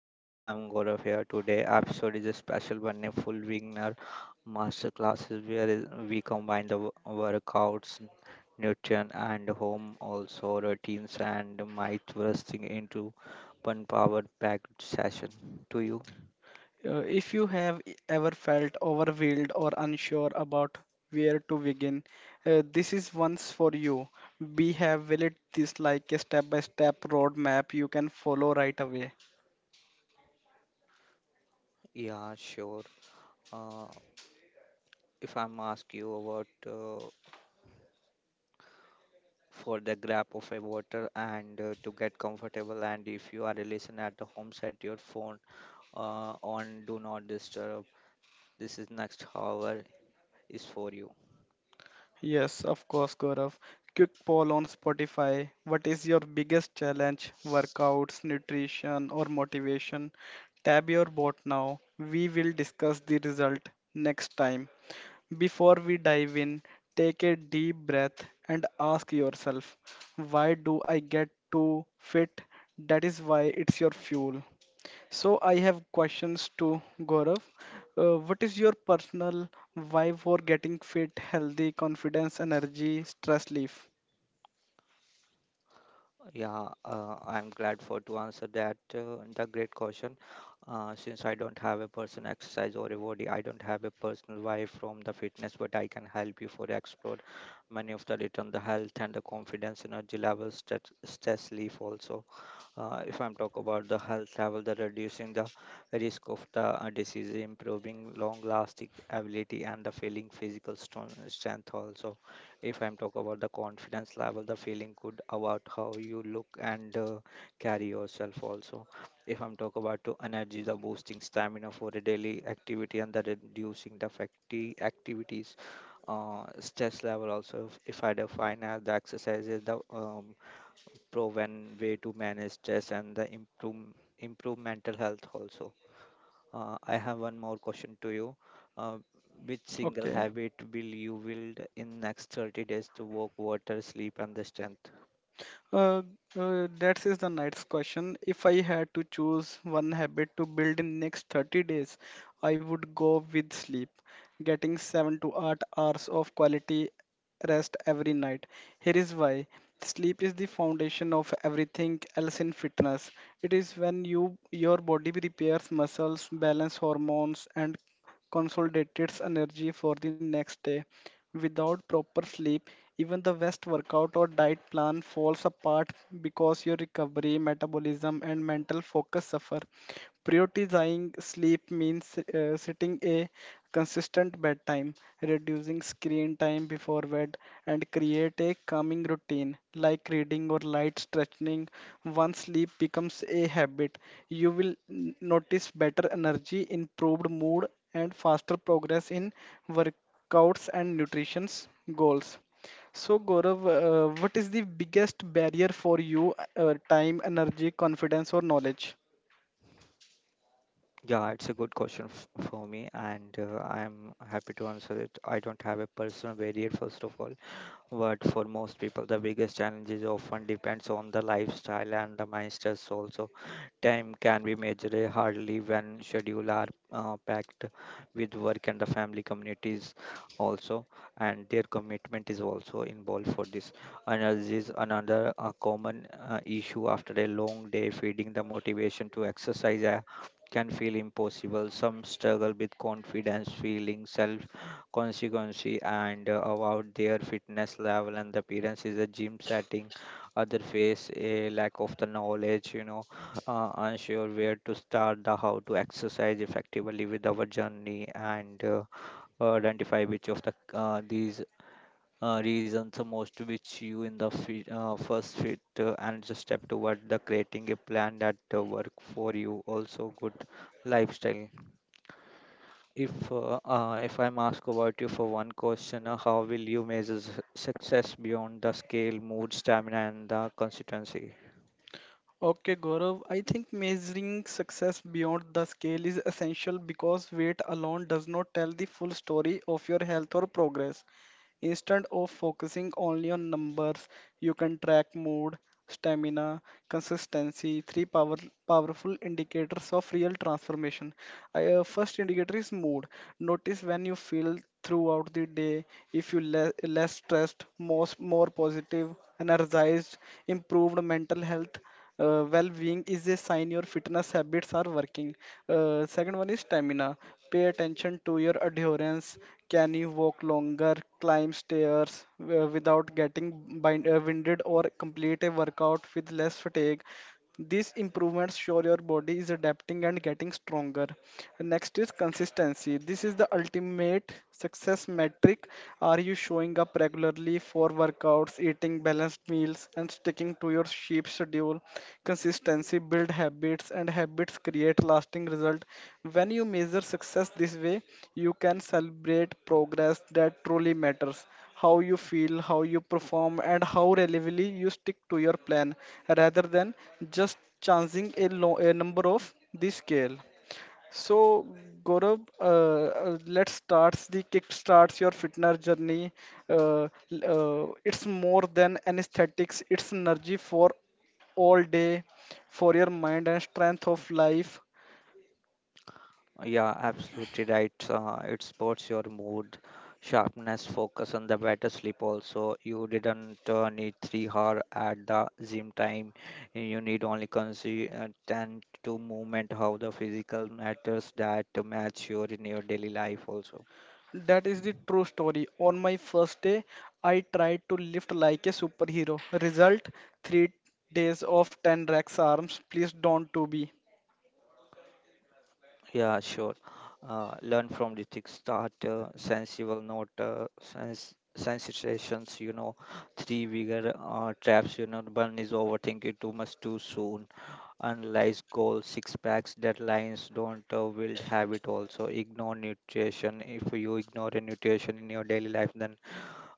Hello, I'm Gaurav here. Today episode is a special one, a full beginner master classes we combine the workouts, nutrition and home also routines and might thrusting into one power packed session. To you? If you have ever felt overwhelmed or unsure about where to begin, this is one's for you. We have built this like a step by step roadmap you can follow right away. Yeah, sure. Uh, if I'm ask you about uh, for the grab of a water and to get comfortable, and if you are a listener at the home, set your phone on do not disturb. This is next hour is for you. Yes, of course, Gaurav. Quick poll on Spotify. What is your biggest challenge? Workouts, nutrition, or motivation? Tab your bot now. We will discuss the result next time. Before we dive in, take a deep breath and ask yourself, why do I get to fit? That is why it's your fuel. So, I have questions to Gaurav. What is your personal why for getting fit, healthy, confidence, energy, stress relief? Yeah, I'm glad for to answer that the great question. Since I don't have a personal exercise or a body, I don't have a personal why from the fitness, but I can help you for explore many of the return, the health and the confidence, energy levels, stress relief also. If I'm talk about the health travel, the reducing the risk of the disease, improving long lasting ability and the feeling physical strength also. If I'm talk about the confidence level, the feeling good about how you look and carry yourself also. If I'm talk about to energy, the boosting stamina for a daily activity and the reducing the fatigue activities. Stress level also, if I define as the exercises the proven way to manage stress and the improve mental health also. I have one more question to you. Uh, which single Okay. habit will you build in next 30 days to walk, water, sleep, and the strength? Uh, that is the next question. If I had to choose one habit to build in next 30 days, I would go with sleep. Getting 7 to 8 hours of quality rest every night. Here is why. Sleep is the foundation of everything else in fitness. It is when your body repairs muscles, balance hormones and consolidates energy for the next day. Without proper sleep, even the best workout or diet plan falls apart because your recovery, metabolism, and mental focus suffer. Prioritizing sleep means setting a consistent bedtime, reducing screen time before bed, and create a calming routine like reading or light stretching. Once sleep becomes a habit, you will notice better energy, improved mood, and faster progress in work Counts and nutrition's goals. So, Gaurav, what is the biggest barrier for you? Time, energy, confidence, or knowledge? Yeah, it's a good question for me, and I'm happy to answer it. I don't have a personal barrier, first of all. But for most people, the biggest challenges often depends on the lifestyle and the mindset also. Time can be measured hardly when schedule are packed with work and the family communities also, and their commitment is also involved for this. Energy is another common issue after a long day, feeding the motivation to exercise. Can feel impossible. Some struggle with confidence, feeling consequences and about their fitness level and the appearance is a gym setting. Other face a lack of the knowledge you know, unsure where to start the how to exercise effectively with our journey and identify which of the these reasons the most which you in the first fit, and just step toward the creating a plan that work for you also good lifestyle. If I'm asked about you for one question, how will you measure success beyond the scale, mood, stamina, and the consistency? Okay, Gaurav, I think measuring success beyond the scale is essential because weight alone does not tell the full story of your health or progress. Instead of focusing only on numbers, you can track mood, stamina, consistency, powerful indicators of real transformation. First indicator is mood. Notice when you feel throughout the day, if you less stressed, more positive, energized, improved mental health well-being is a sign your fitness habits are working. Second one is stamina. Pay attention to your adherence. Can you walk longer, climb stairs without getting winded, or complete a workout with less fatigue? These improvements show your body is adapting and getting stronger. Next is consistency. This is the ultimate success metric. Are you showing up regularly for workouts, eating balanced meals, and sticking to your sheep schedule? Consistency build habits, and habits create lasting result. When you measure success this way, you can celebrate progress that truly matters, how you feel, how you perform, and how reliably you stick to your plan rather than just chancing a number of the scale. So, Gaurav, let's start the kick starts your fitness journey. Uh, it's more than anesthetics, it's energy for all day, for your mind and strength of life. Yeah, absolutely right. It supports your mood, sharpness, focus, and the better sleep. Also, you didn't need 3 hour at the gym time. You need only and to movement. How the physical matters that match your in your daily life also. That is the true story. On my first day, I tried to lift like a superhero. Result, 3 days of 10 racks arms. Please don't to be. Yeah, sure. Learn from the thick start, sensible note, uh, sensitizations, you know, three bigger traps, you know, one is overthinking too much too soon, analyze goals, six packs, deadlines, don't build habit also, ignore nutrition. If you ignore a nutrition in your daily life, then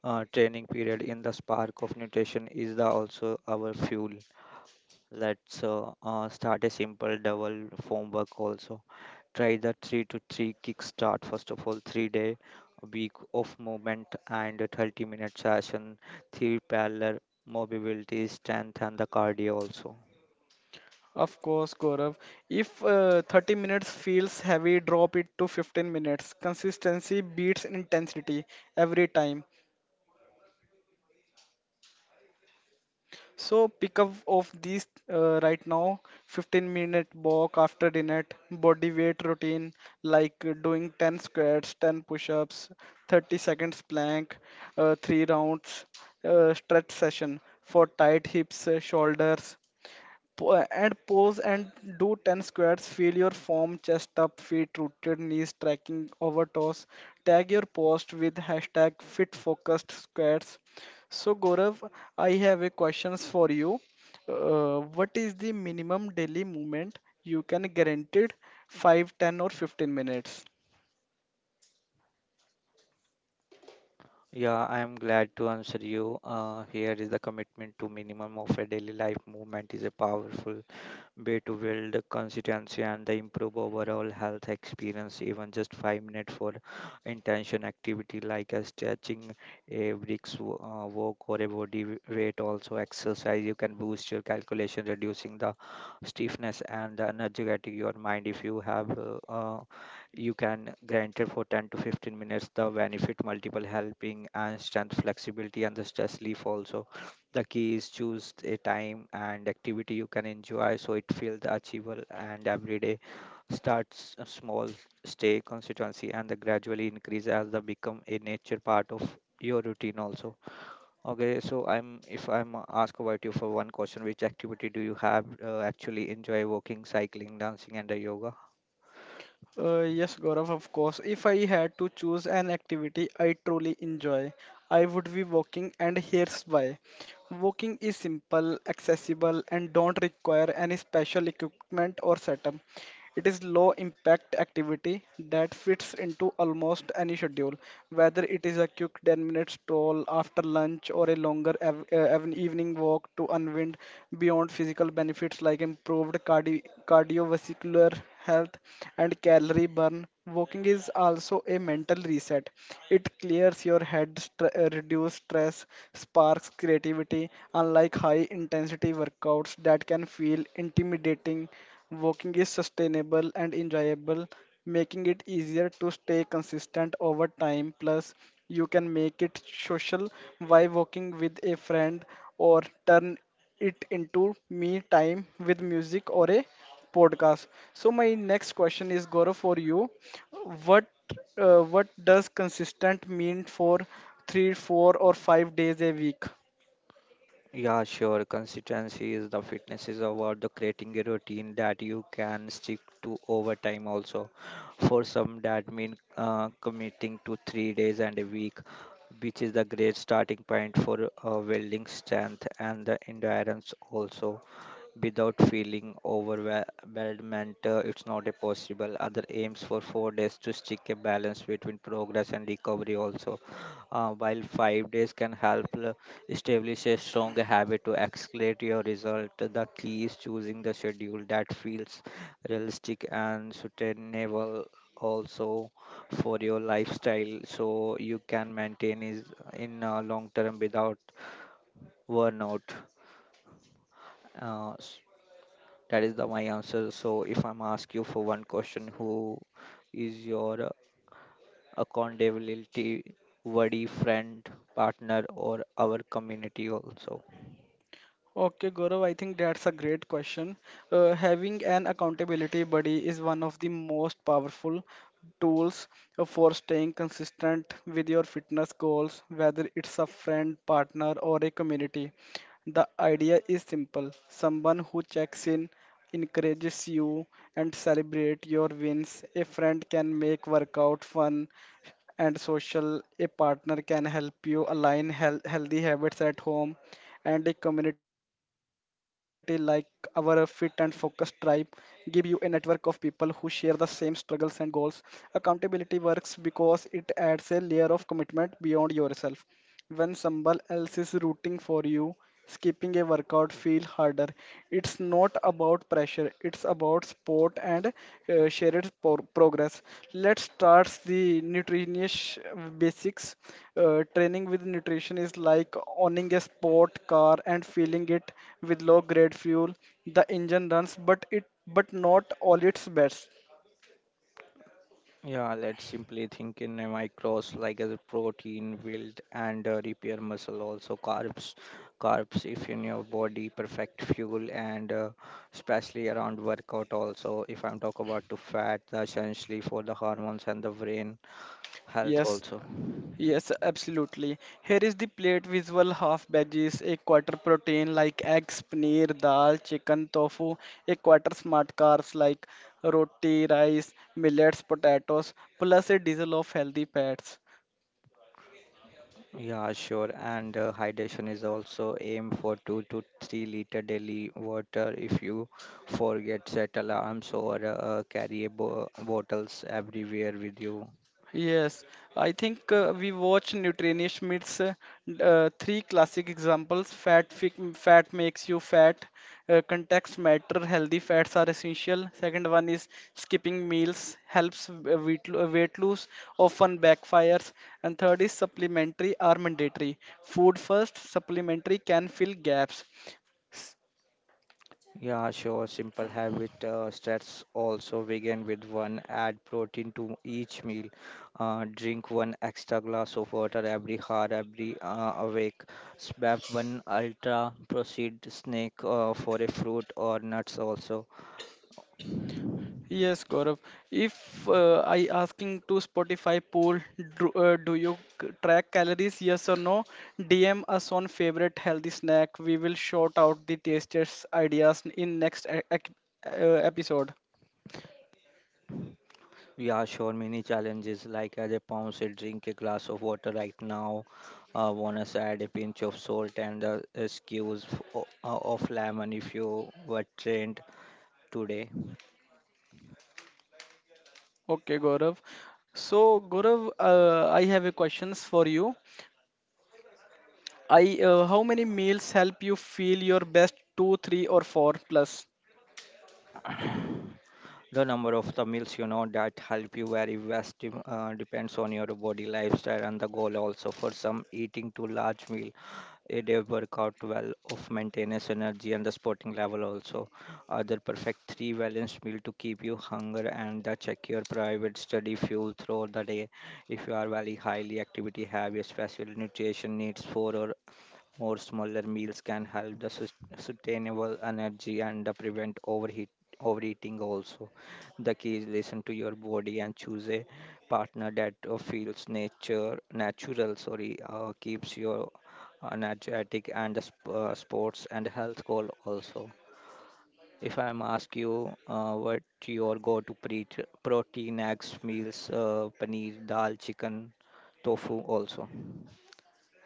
training period in the spark of nutrition is the also our fuel. Let's start a simple double form work also. Try the 3 to 3 kickstart, first of all, 3 day a week of movement and a 30-minute session, 3 parallel mobility strength and the cardio also. Of course, Gaurav. If 30 minutes feels heavy, drop it to 15 minutes. Consistency beats intensity every time. So pick up of these right now, 15-minute walk after dinner, body weight routine like doing 10 squats, 10 push ups, 30 seconds plank, 3 rounds, stretch session for tight hips, shoulders, and pose and do 10 squats, feel your form, chest up, feet rooted, knees tracking over toes. Tag your post with hashtag fit focused squats. So, gorav I have a questions for you. What is the minimum daily movement you can guaranteed? 5, 10, or 15 minutes? Yeah, I am glad to answer you. Uh, here is the commitment to minimum of a daily life movement is a powerful way to build consistency and the improve overall health experience. Even just 5 minutes for intention activity like a stretching, a brisk walk or a body weight also exercise, you can boost your calculation, reducing the stiffness and the energetic your mind. If you have you can grant it for 10 to 15 minutes, the benefit multiple helping and strength flexibility and the stress relief also. The key is choose a time and activity you can enjoy so it feels achievable and every day. Starts a small, stay constituency and the gradually increase as they become a nature part of your routine also. Okay, so I'm if I'm asked about you for one question, which activity do you have actually enjoy, walking, cycling, dancing and yoga? Yes, Gaurav, of course. If I had to choose an activity I truly enjoy, I would be walking, and here's why. Walking is simple, accessible, and don't require any special equipment or setup. It is low impact activity that fits into almost any schedule, whether it is a quick 10-minute stroll after lunch or a longer evening walk to unwind, beyond physical benefits like improved cardiovascular health and calorie burn. Walking is also a mental reset. It clears your head, reduces stress, sparks creativity. Unlike high intensity workouts that can feel intimidating, walking is sustainable and enjoyable, making it easier to stay consistent over time. Plus, you can make it social by walking with a friend or turn it into me time with music or a podcast. So, my next question is Gaurav for you. What what does consistent mean for three, 4 or 5 days a week? Yeah, sure. Consistency is the fitness is about the creating a routine that you can stick to over time also. For some that mean committing to 3 days and a week, which is the great starting point for building strength and the endurance also, without feeling overwhelmed. Uh, it's not a possible. Other aims for 4 days to stick a balance between progress and recovery also. While 5 days can help establish a strong habit to accelerate your result, the key is choosing the schedule that feels realistic and sustainable also for your lifestyle, so you can maintain is in long term without burnout. Uh, that is the my answer. So if I'm ask you for one question, who is your accountability buddy, friend, partner, or our community also? Okay, Gaurav, I think that's a great question. Having an accountability buddy is one of the most powerful tools for staying consistent with your fitness goals, whether it's a friend, partner, or a community. The idea is simple, someone who checks in, encourages you, and celebrate your wins. A friend can make workout fun and social. A partner can help you align healthy habits at home, and a community like our Fit and Focus tribe give you a network of people who share the same struggles and goals. Accountability works because it adds a layer of commitment beyond yourself. When someone else is rooting for you, skipping a workout feel harder. It's not about pressure, it's about sport and shared progress. Let's start the nutritious basics. Training with nutrition is like owning a sport car and filling it with low grade fuel. The engine runs, but it but not all its best. Yeah, let's simply think in a micros like as a protein, build and repair muscle also carbs. Carbs if in your body perfect fuel and especially around workout also. If I'm talk about to fat, essentially for the hormones and the brain health Yes, also. Yes, absolutely. Here is the plate visual, half veggies, a quarter protein like eggs, paneer, dal, chicken, tofu, a quarter smart carbs like roti, rice, millets, potatoes, plus a diesel of healthy fats. Yeah, sure. And hydration is also aim for 2 to 3 liter daily water. If you forget, set alarms or carry a bo bottles everywhere with you. Yes, I think we watch Nutrini, uh, three classic examples. Fat makes you fat. Context matter. Healthy fats are essential. Second one is skipping meals helps weight lose. Often backfires. And third is supplementary are mandatory. Food first. Supplementary can fill gaps. Yeah, sure. Simple habit starts also begin with one. Add protein to each meal. Drink one extra glass of water every hour, every awake. Swap one ultra processed snack for a fruit or nuts also. Yes, Gaurav. If I asking to Spotify poll, do you track calories? Yes or no? DM us on favorite healthy snack. We will shout out the tastiest ideas in next uh, episode. Yeah, sure. Many challenges like as a palm said, drink a glass of water right now. Wanna add a pinch of salt and the skews of lemon if you were trained today. Okay, Gaurav. So, Gaurav, I have a questions for you. I How many meals help you feel your best? Two, three, or four plus? The number of the meals you know that help you vary vast depends on your body lifestyle and the goal also. For some, eating two large meal it did work out well of maintenance energy and the sporting level also. Other perfect three balanced meal to keep you hunger and the check your private study fuel throughout the day. If you are very highly activity heavy, special nutrition needs four or more smaller meals can help the sustainable energy and the prevent overheat overeating also. The key is listen to your body and choose a partner that feels nature natural, sorry, keeps your energetic and the sports and health goal also. If I'm ask you, what your go to protein eggs meals, paneer dal chicken tofu also?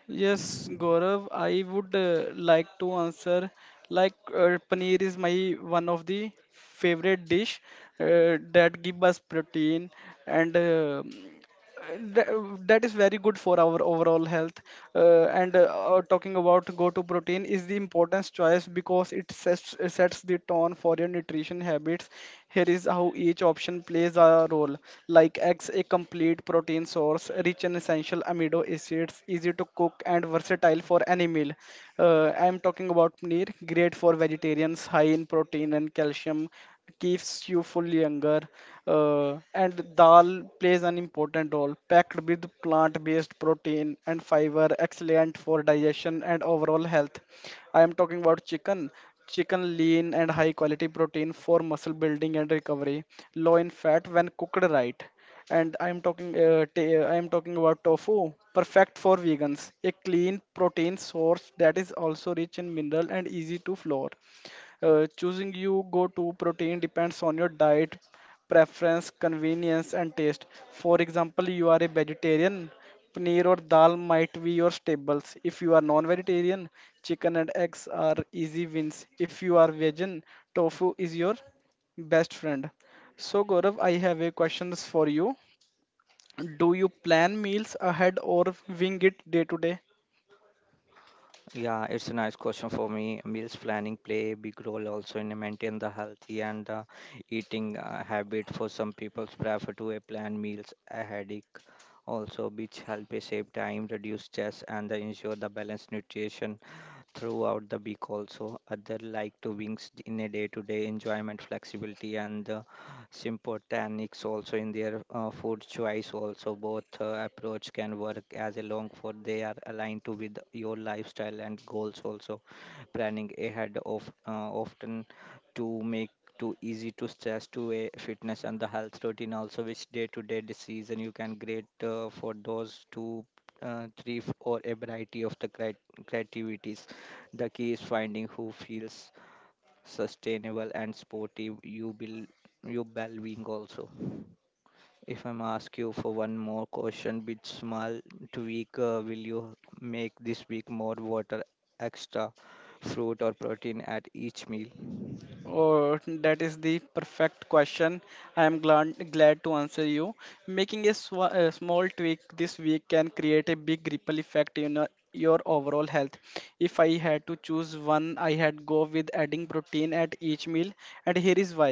Yes, Gaurav, I would like to answer like paneer is my one of the favorite dish that give us protein and Th- that is very good for our overall health. And Talking about go to protein is the importance choice because it sets the tone for your nutrition habits. Here is how each option plays a role. Like eggs, a complete protein source rich in essential amino acids, easy to cook and versatile for any meal. I'm talking about paneer, great for vegetarians, high in protein and calcium, keeps you full younger. And dal plays an important role, packed with plant-based protein and fiber, excellent for digestion and overall health. I am talking about chicken. Chicken lean and high quality protein for muscle building and recovery, low in fat when cooked right. And I am talking I am talking about tofu, perfect for vegans, a clean protein source that is also rich in mineral and easy to flour. Choosing you go to protein depends on your diet preference, convenience and taste. For example, you are a vegetarian, paneer or dal might be your staples. If you are non-vegetarian, chicken and eggs are easy wins. If you are vegan, tofu is your best friend. So, Gaurav, I have a questions for you. Do you plan meals ahead or wing it day to day? Yeah, it's a nice question for me. Meals planning play a big role also in maintain the healthy and the eating habit. For some people, prefer to a plan meals a headache also, which help a save time, reduce stress, and the ensure the balanced nutrition throughout the week also. Other like to wings in a day-to-day enjoyment, flexibility, and the sympathetics also in their food choice also. Both approach can work as a long for they are aligned to with your lifestyle and goals also. Planning ahead of often to make too easy to stress to a fitness and the health routine also, which day to day decision you can grade for those two three or a variety of the creativities. The key is finding who feels sustainable and sportive, you will you well being also. If I'm ask you for one more question, bit small tweak, will you make this week, more water, extra fruit or protein at each meal? Or that is the perfect question. I am glad to answer you. Making a small tweak this week can create a big ripple effect in your overall health. If I had to choose one, I had go with adding protein at each meal, and here is why.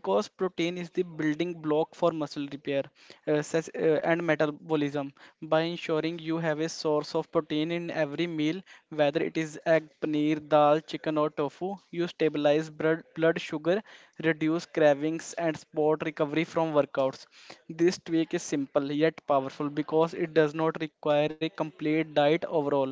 Because protein is the building block for muscle repair. And metabolism, by ensuring you have a source of protein in every meal, whether it is egg, paneer, dal, chicken, or tofu. You stabilize blood sugar, reduce cravings, and support recovery from workouts. This tweak is simple yet powerful because it does not require a complete diet overall.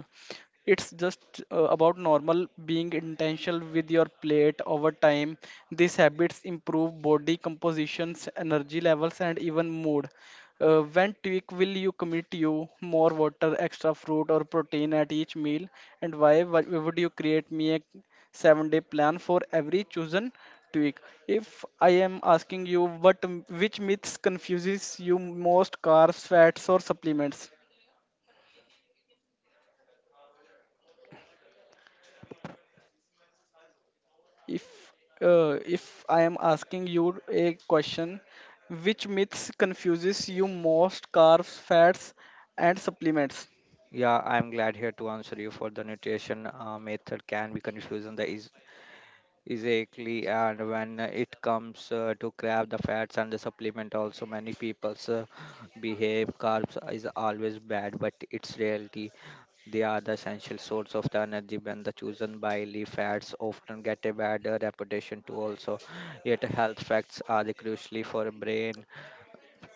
It's just about normal being intentional with your plate over time. These habits improve body compositions, energy levels and even mood. When tweak will you commit you, more water, extra fruit or protein at each meal, and why would you create me a 7-day plan for every chosen tweak? If I am asking you which myths confuses you most, carbs, fats or supplements? If if I am asking you a question, which myths confuses you most, carbs, fats and supplements? Yeah, I'm glad here to answer you for the nutrition method can be confusing the is exactly, and when it comes to grab the fats and the supplement also, many people's behave carbs is always bad but it's reality. They are the essential source of the energy and the chosen by fats often get a bad reputation too also. Yet health facts are the crucially for brain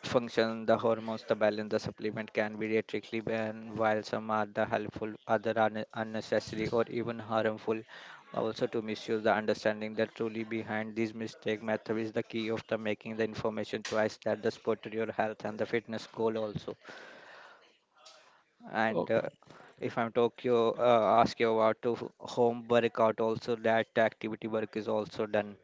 function, the hormones, the balance, the supplement can be a tricky, and while some are the helpful, other are unnecessary or even harmful. Also to misuse the understanding that truly behind these mistake method is the key of the making the information choice that the support your health and the fitness goal also Oh, and if I'm tokyo ask you about to home workout also that activity work is also done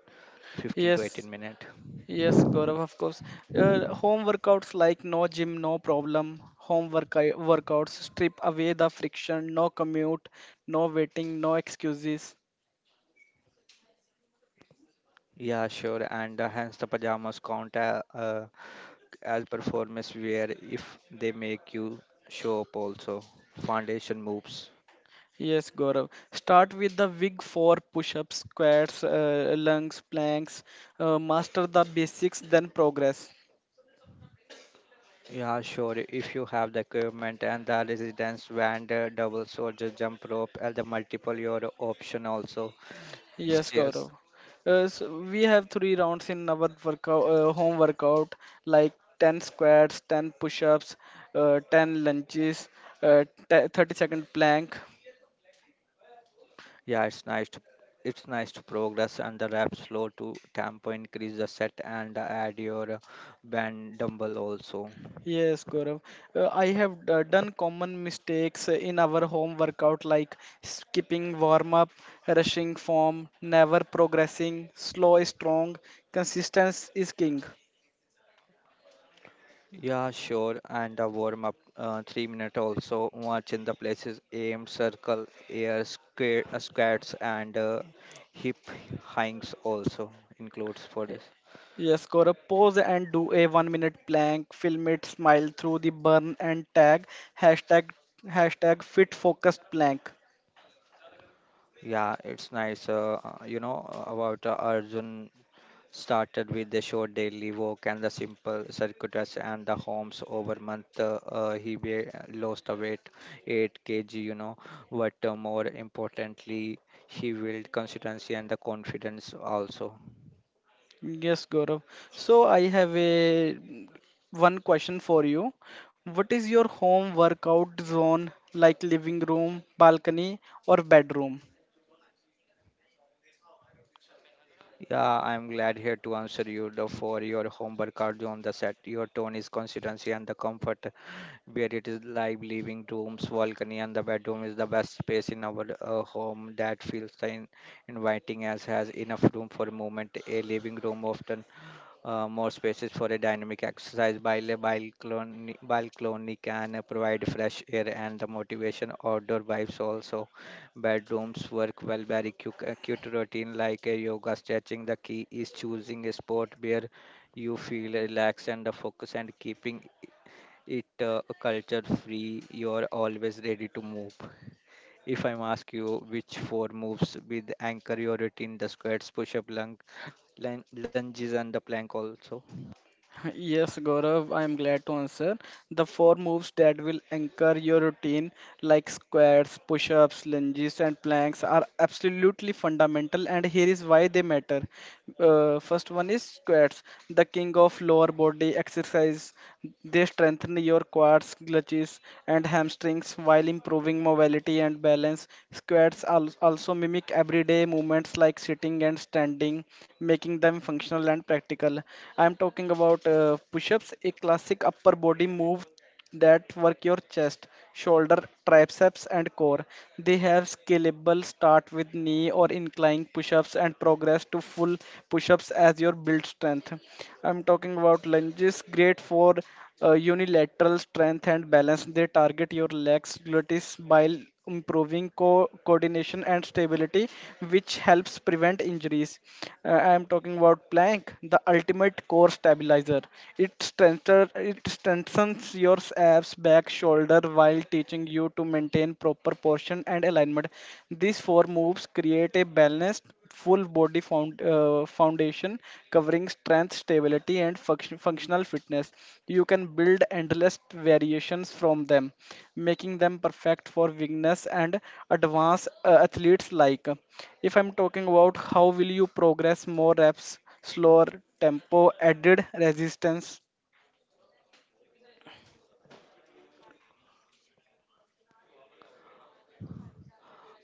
15 to yes. 18 minute Yes, Gaurav, of course. Home workouts, like no gym, no problem. Workouts strip away the friction, no commute, no waiting, no excuses. yeah sure and hence the pajamas count as performance wear if they make you show up also foundation moves Yes, Gaurav. Start with the big four, push ups, squats, lunges, planks. Master the basics, then progress. yeah sure if you have the equipment and the resistance band, doubles or just jump rope and the multiple your option also Yes, Gaurav. stairs. So we have three rounds in our workout, home workout, like 10 squats, 10 push-ups, 10 lunges, uh, 30-second plank. Yeah, it's nice to progress and the rap slow to tempo increase the set and add your band dumble also. Yes, Gaurav. I have done common mistakes in our home workout, like skipping warm-up, rushing form, never progressing, slow is strong, consistency is king. Yeah, sure. And the warm up 3 minute also. Watch in the places aim, circle, air square, squats and hip hangs also includes for this. Yes, Gaurav, pose and do a 1 minute plank, film it, smile through the burn and tag, hashtag, hashtag fit focused plank. Yeah, it's nice. You know about Arjun started with the short daily walk and the simple circuitous and the homes over month he lost the weight 8 kg, you know, but more importantly he built consistency and the confidence also. Yes, Gaurav. So I have a one question for you. What is your home workout zone, like living room, balcony or bedroom? Yeah, I'm glad here to answer you the for your homework cardio on the set your tone is consistency and the comfort where it is live living rooms balcony and the bedroom is the best space in our home that feels the inviting as has enough room for movement. A living room often more spaces for a dynamic exercise while a balcony can provide fresh air and the motivation outdoor vibes also. Bedrooms work well very cute, cute routine like a yoga stretching. The key is choosing a spot where you feel relaxed and the focus and keeping it a culture free. You're always ready to move. If I'm ask you which four moves with anchor your routine, the squats, push up, lung, lunges, and the plank also. Yes, Gaurav, I am glad to answer. The four moves that will anchor your routine, like squats, push ups, lunges, and planks, are absolutely fundamental, and here is why they matter. First one is squats, the king of lower body exercise. They strengthen your quads, glutes, and hamstrings while improving mobility and balance. Squats also mimic everyday movements like sitting and standing, making them functional and practical. I am talking about push ups, a classic upper body move that work your chest, shoulder, triceps, and core. They have scalable start with knee or incline push ups and progress to full push ups as your build strength. I'm talking about lunges, great for unilateral strength and balance. They target your legs, gluteus, bile, improving coordination and stability, which helps prevent injuries. I am talking about plank, the ultimate core stabilizer. It strengthens your abs, back, shoulder while teaching you to maintain proper portion and alignment. These four moves create a balanced full body foundation covering strength, stability, and function, functional fitness. You can build endless variations from them, making them perfect for beginners and advanced athletes like. If I'm talking about how will you progress, more reps, slower tempo, added resistance.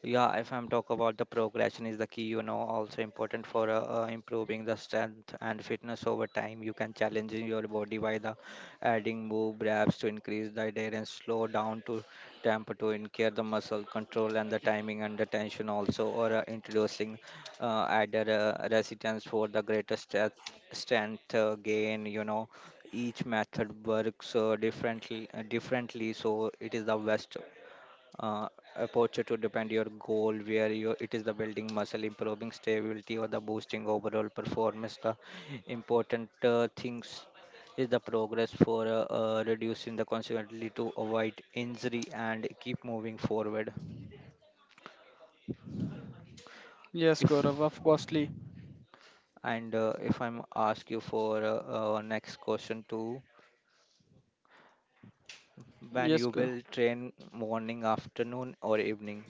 Yeah, if I'm talk about the progression is the key, you know, also important for improving the strength and fitness over time. You can challenge your body by the adding move reps to increase the adherence, slow down to tempo to increase the muscle control and the timing under tension also, or introducing added resistance for the greater strength gain, you know, each method works differently so it is the best uh, approach to depend your goal where your it is the building muscle improving stability or the boosting overall performance. The important things is the progress for reducing the consequently to avoid injury and keep moving forward. Yes, if Gaurav, of costly. If I'm ask you for next question too, when Yes, you Gaurav. will train morning afternoon or evening?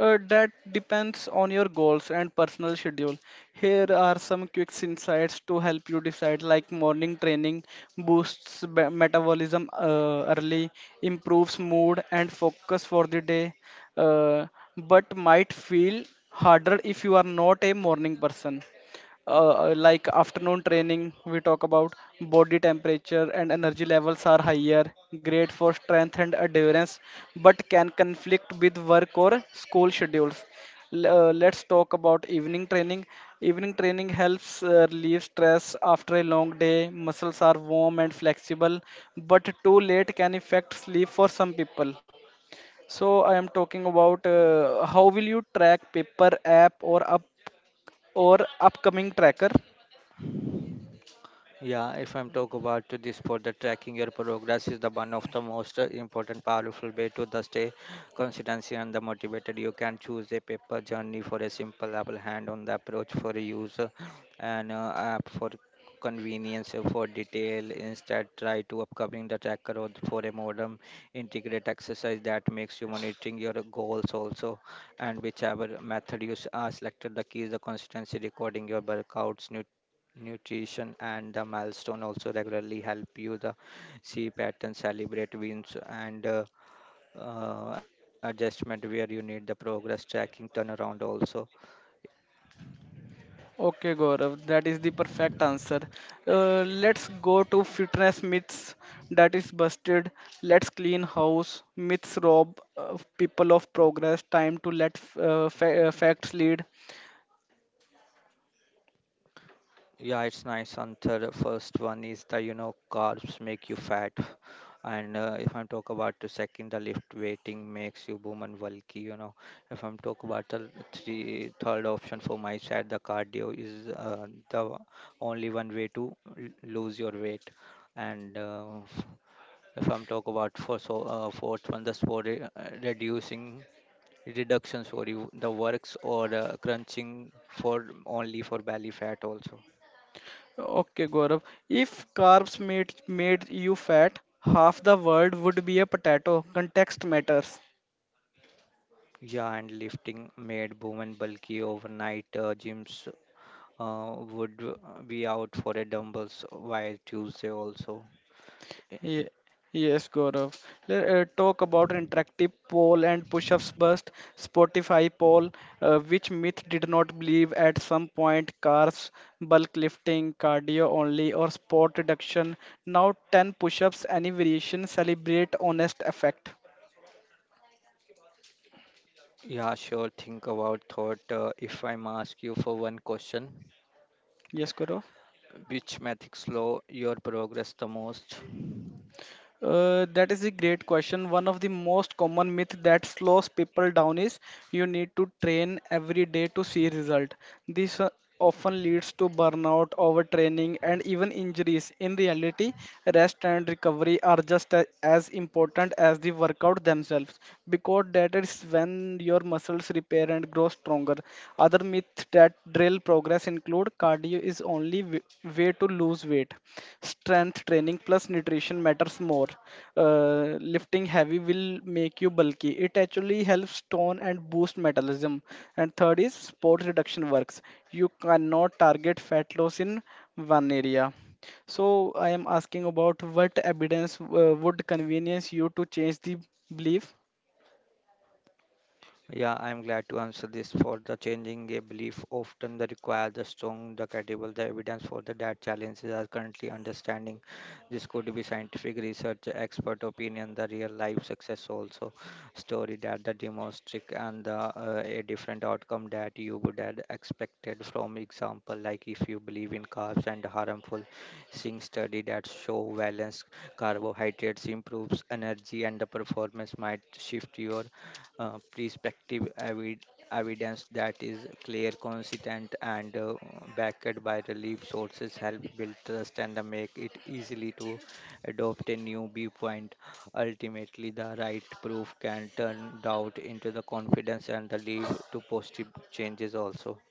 That depends on your goals and personal schedule. Here are some quick insights to help you decide, like morning training boosts metabolism early, improves mood and focus for the day, uh, but might feel harder if you are not a morning person. Uh, like afternoon training, we talk about body temperature and energy levels are higher, great for strength and endurance, but can conflict with work or school schedules. L- let's talk about evening training. Evening training helps relieve stress after a long day, muscles are warm and flexible, but too late can affect sleep for some people. So I am talking about how will you track, paper, app, or up or upcoming tracker? Yeah, if I'm talk about to this for the tracking your progress is the one of the most important powerful way to the stay consistency and the motivated. You can choose a paper journey for a simple apple hand on the approach for use and app for convenience for detail instead try to upcoming the tracker or for a modem integrate exercise that makes you monitoring your goals also. And whichever method you selected the key is the consistency recording your workouts nutrition and the milestone also regularly help you the see pattern celebrate wins and adjustment where you need the progress tracking turnaround also. Okay, Gaurav, that is the perfect answer. Let's go to fitness myths that is busted. Let's clean house. Myths rob people of progress. Time to let facts lead. Yeah, it's nice, Antar. The first one is the, you know, carbs make you fat. And if I'm talk about the second, the lift weighting makes you boom and bulky, you know. If I'm talk about the three, third option for my side, the cardio is the only one way to lose your weight. And if I'm talk about for so fourth one, the for reducing reduction, sorry, the works or crunching for only for belly fat also. Okay, Gaurav. If carbs made you fat, half the world would be a potato. Context matters. Yeah, and lifting made women bulky overnight. Gyms would be out for a dumbbells while Tuesday also. Y- Ye- Yes, Gaurav. Let talk about interactive poll and push-ups bust Spotify poll. Which myth did not believe at some point? Carbs, bulk lifting, cardio only, or sport reduction. Now 10 push-ups, any variation. Celebrate honest effect. Yeah, sure. Think about thought. If I'm ask you for one question, Yes, Gaurav. which method slow your progress the most? That is a great question. One of the most common myth that slows people down is, you need to train every day to see result. This often leads to burnout, overtraining, and even injuries. In reality, rest and recovery are just as important as the workout themselves, because that is when your muscles repair and grow stronger. Other myth that drill progress include cardio is only way to lose weight. Strength training plus nutrition matters more. Lifting heavy will make you bulky. It actually helps tone and boost metabolism. And third is sports reduction works. You cannot target fat loss in one area. So I am asking about what evidence would convenience you to change the belief? Yeah, I'm glad to answer this for the changing a belief often the require the strong, the credible, the evidence for the that challenges are currently understanding. This could be scientific research, expert opinion, the real life success also story that the demonstrate and the a different outcome that you would have expected from example, like if you believe in carbs and harmful thing study that show balance carbohydrates improves energy and the performance might shift your prospective evidence that is clear, consistent, and backed by relief sources help build trust and make it easily to adopt a new viewpoint. Ultimately, the right proof can turn doubt into the confidence and the lead to positive changes also.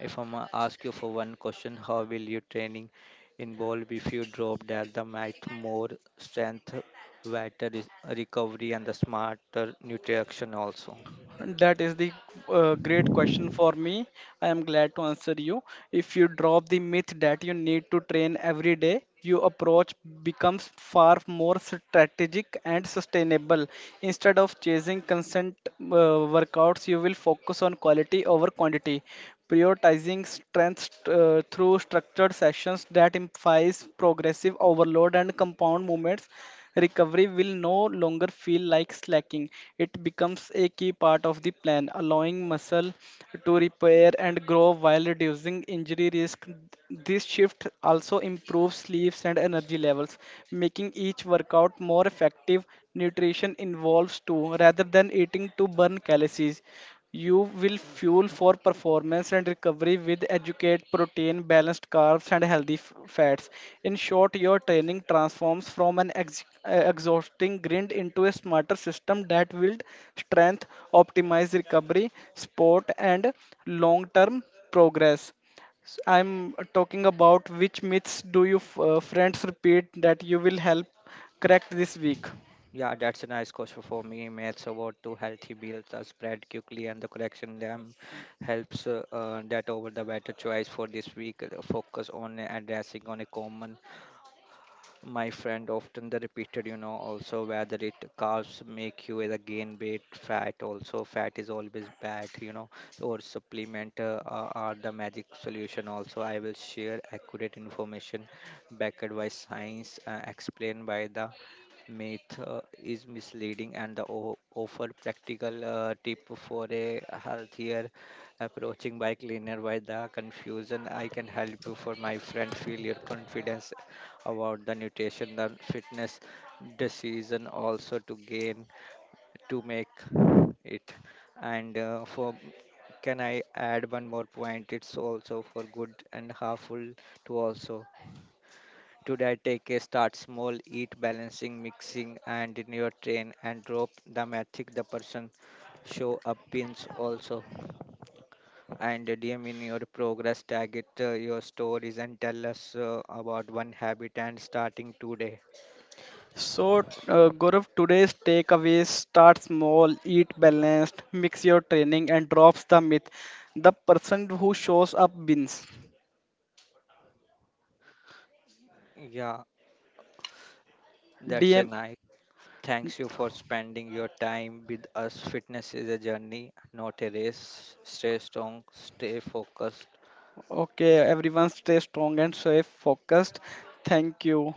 If I ma ask you for one question, how will your training involve if you drop that the math more strength, better recovery, and the smarter nutrition also? That is the great question for me. I am glad to answer you. If you drop the myth that you need to train every day, your approach becomes far more strategic and sustainable. Instead of chasing consent workouts, you will focus on quality over quantity, prioritizing strengths through structured sessions that implies progressive overload and compound movements. Recovery will no longer feel like slacking. It becomes a key part of the plan, allowing muscle to repair and grow while reducing injury risk. This shift also improves sleeps and energy levels, making each workout more effective. Nutrition involves too. Rather than eating to burn calories, you will fuel for performance and recovery with educate protein, balanced carbs, and healthy fats. In short, your training transforms from an exhausting grind into a smarter system that will strength, optimize recovery, sport, and long-term progress. I'm talking about which myths do you friends repeat that you will help correct this week? Yeah, that's a nice question for me. Maths about two healthy meals are spread quickly, and the correction them helps that over the better choice for this week. Focus on addressing on a common my friend often the repeated, you know, also whether it carbs make you either gain weight fat also fat is always bad, you know, or supplement are the magic solution also. I will share accurate information backed by science explained by the myth is misleading and the offer practical tip for a healthier approaching by cleaner by the confusion. I can help you for my friend feel your confidence about the nutrition and fitness decision also to gain to make it and for can I add one more point. It's also for good and harmful to also. Today, take a start small, eat balancing, mixing, and in your train and drop the metric the person show up pins also. And DM in your progress, tag it your stories and tell us about one habit and starting today. So, Gaurav, today's takeaways, start small, eat balanced, mix your training, and drops the myth. The person who shows up wins. Yeah, that's a DM. nice. Thanks you for spending your time with us. Fitness is a journey, not a race. Stay strong, stay focused. Okay, everyone, stay strong and stay focused. Thank you.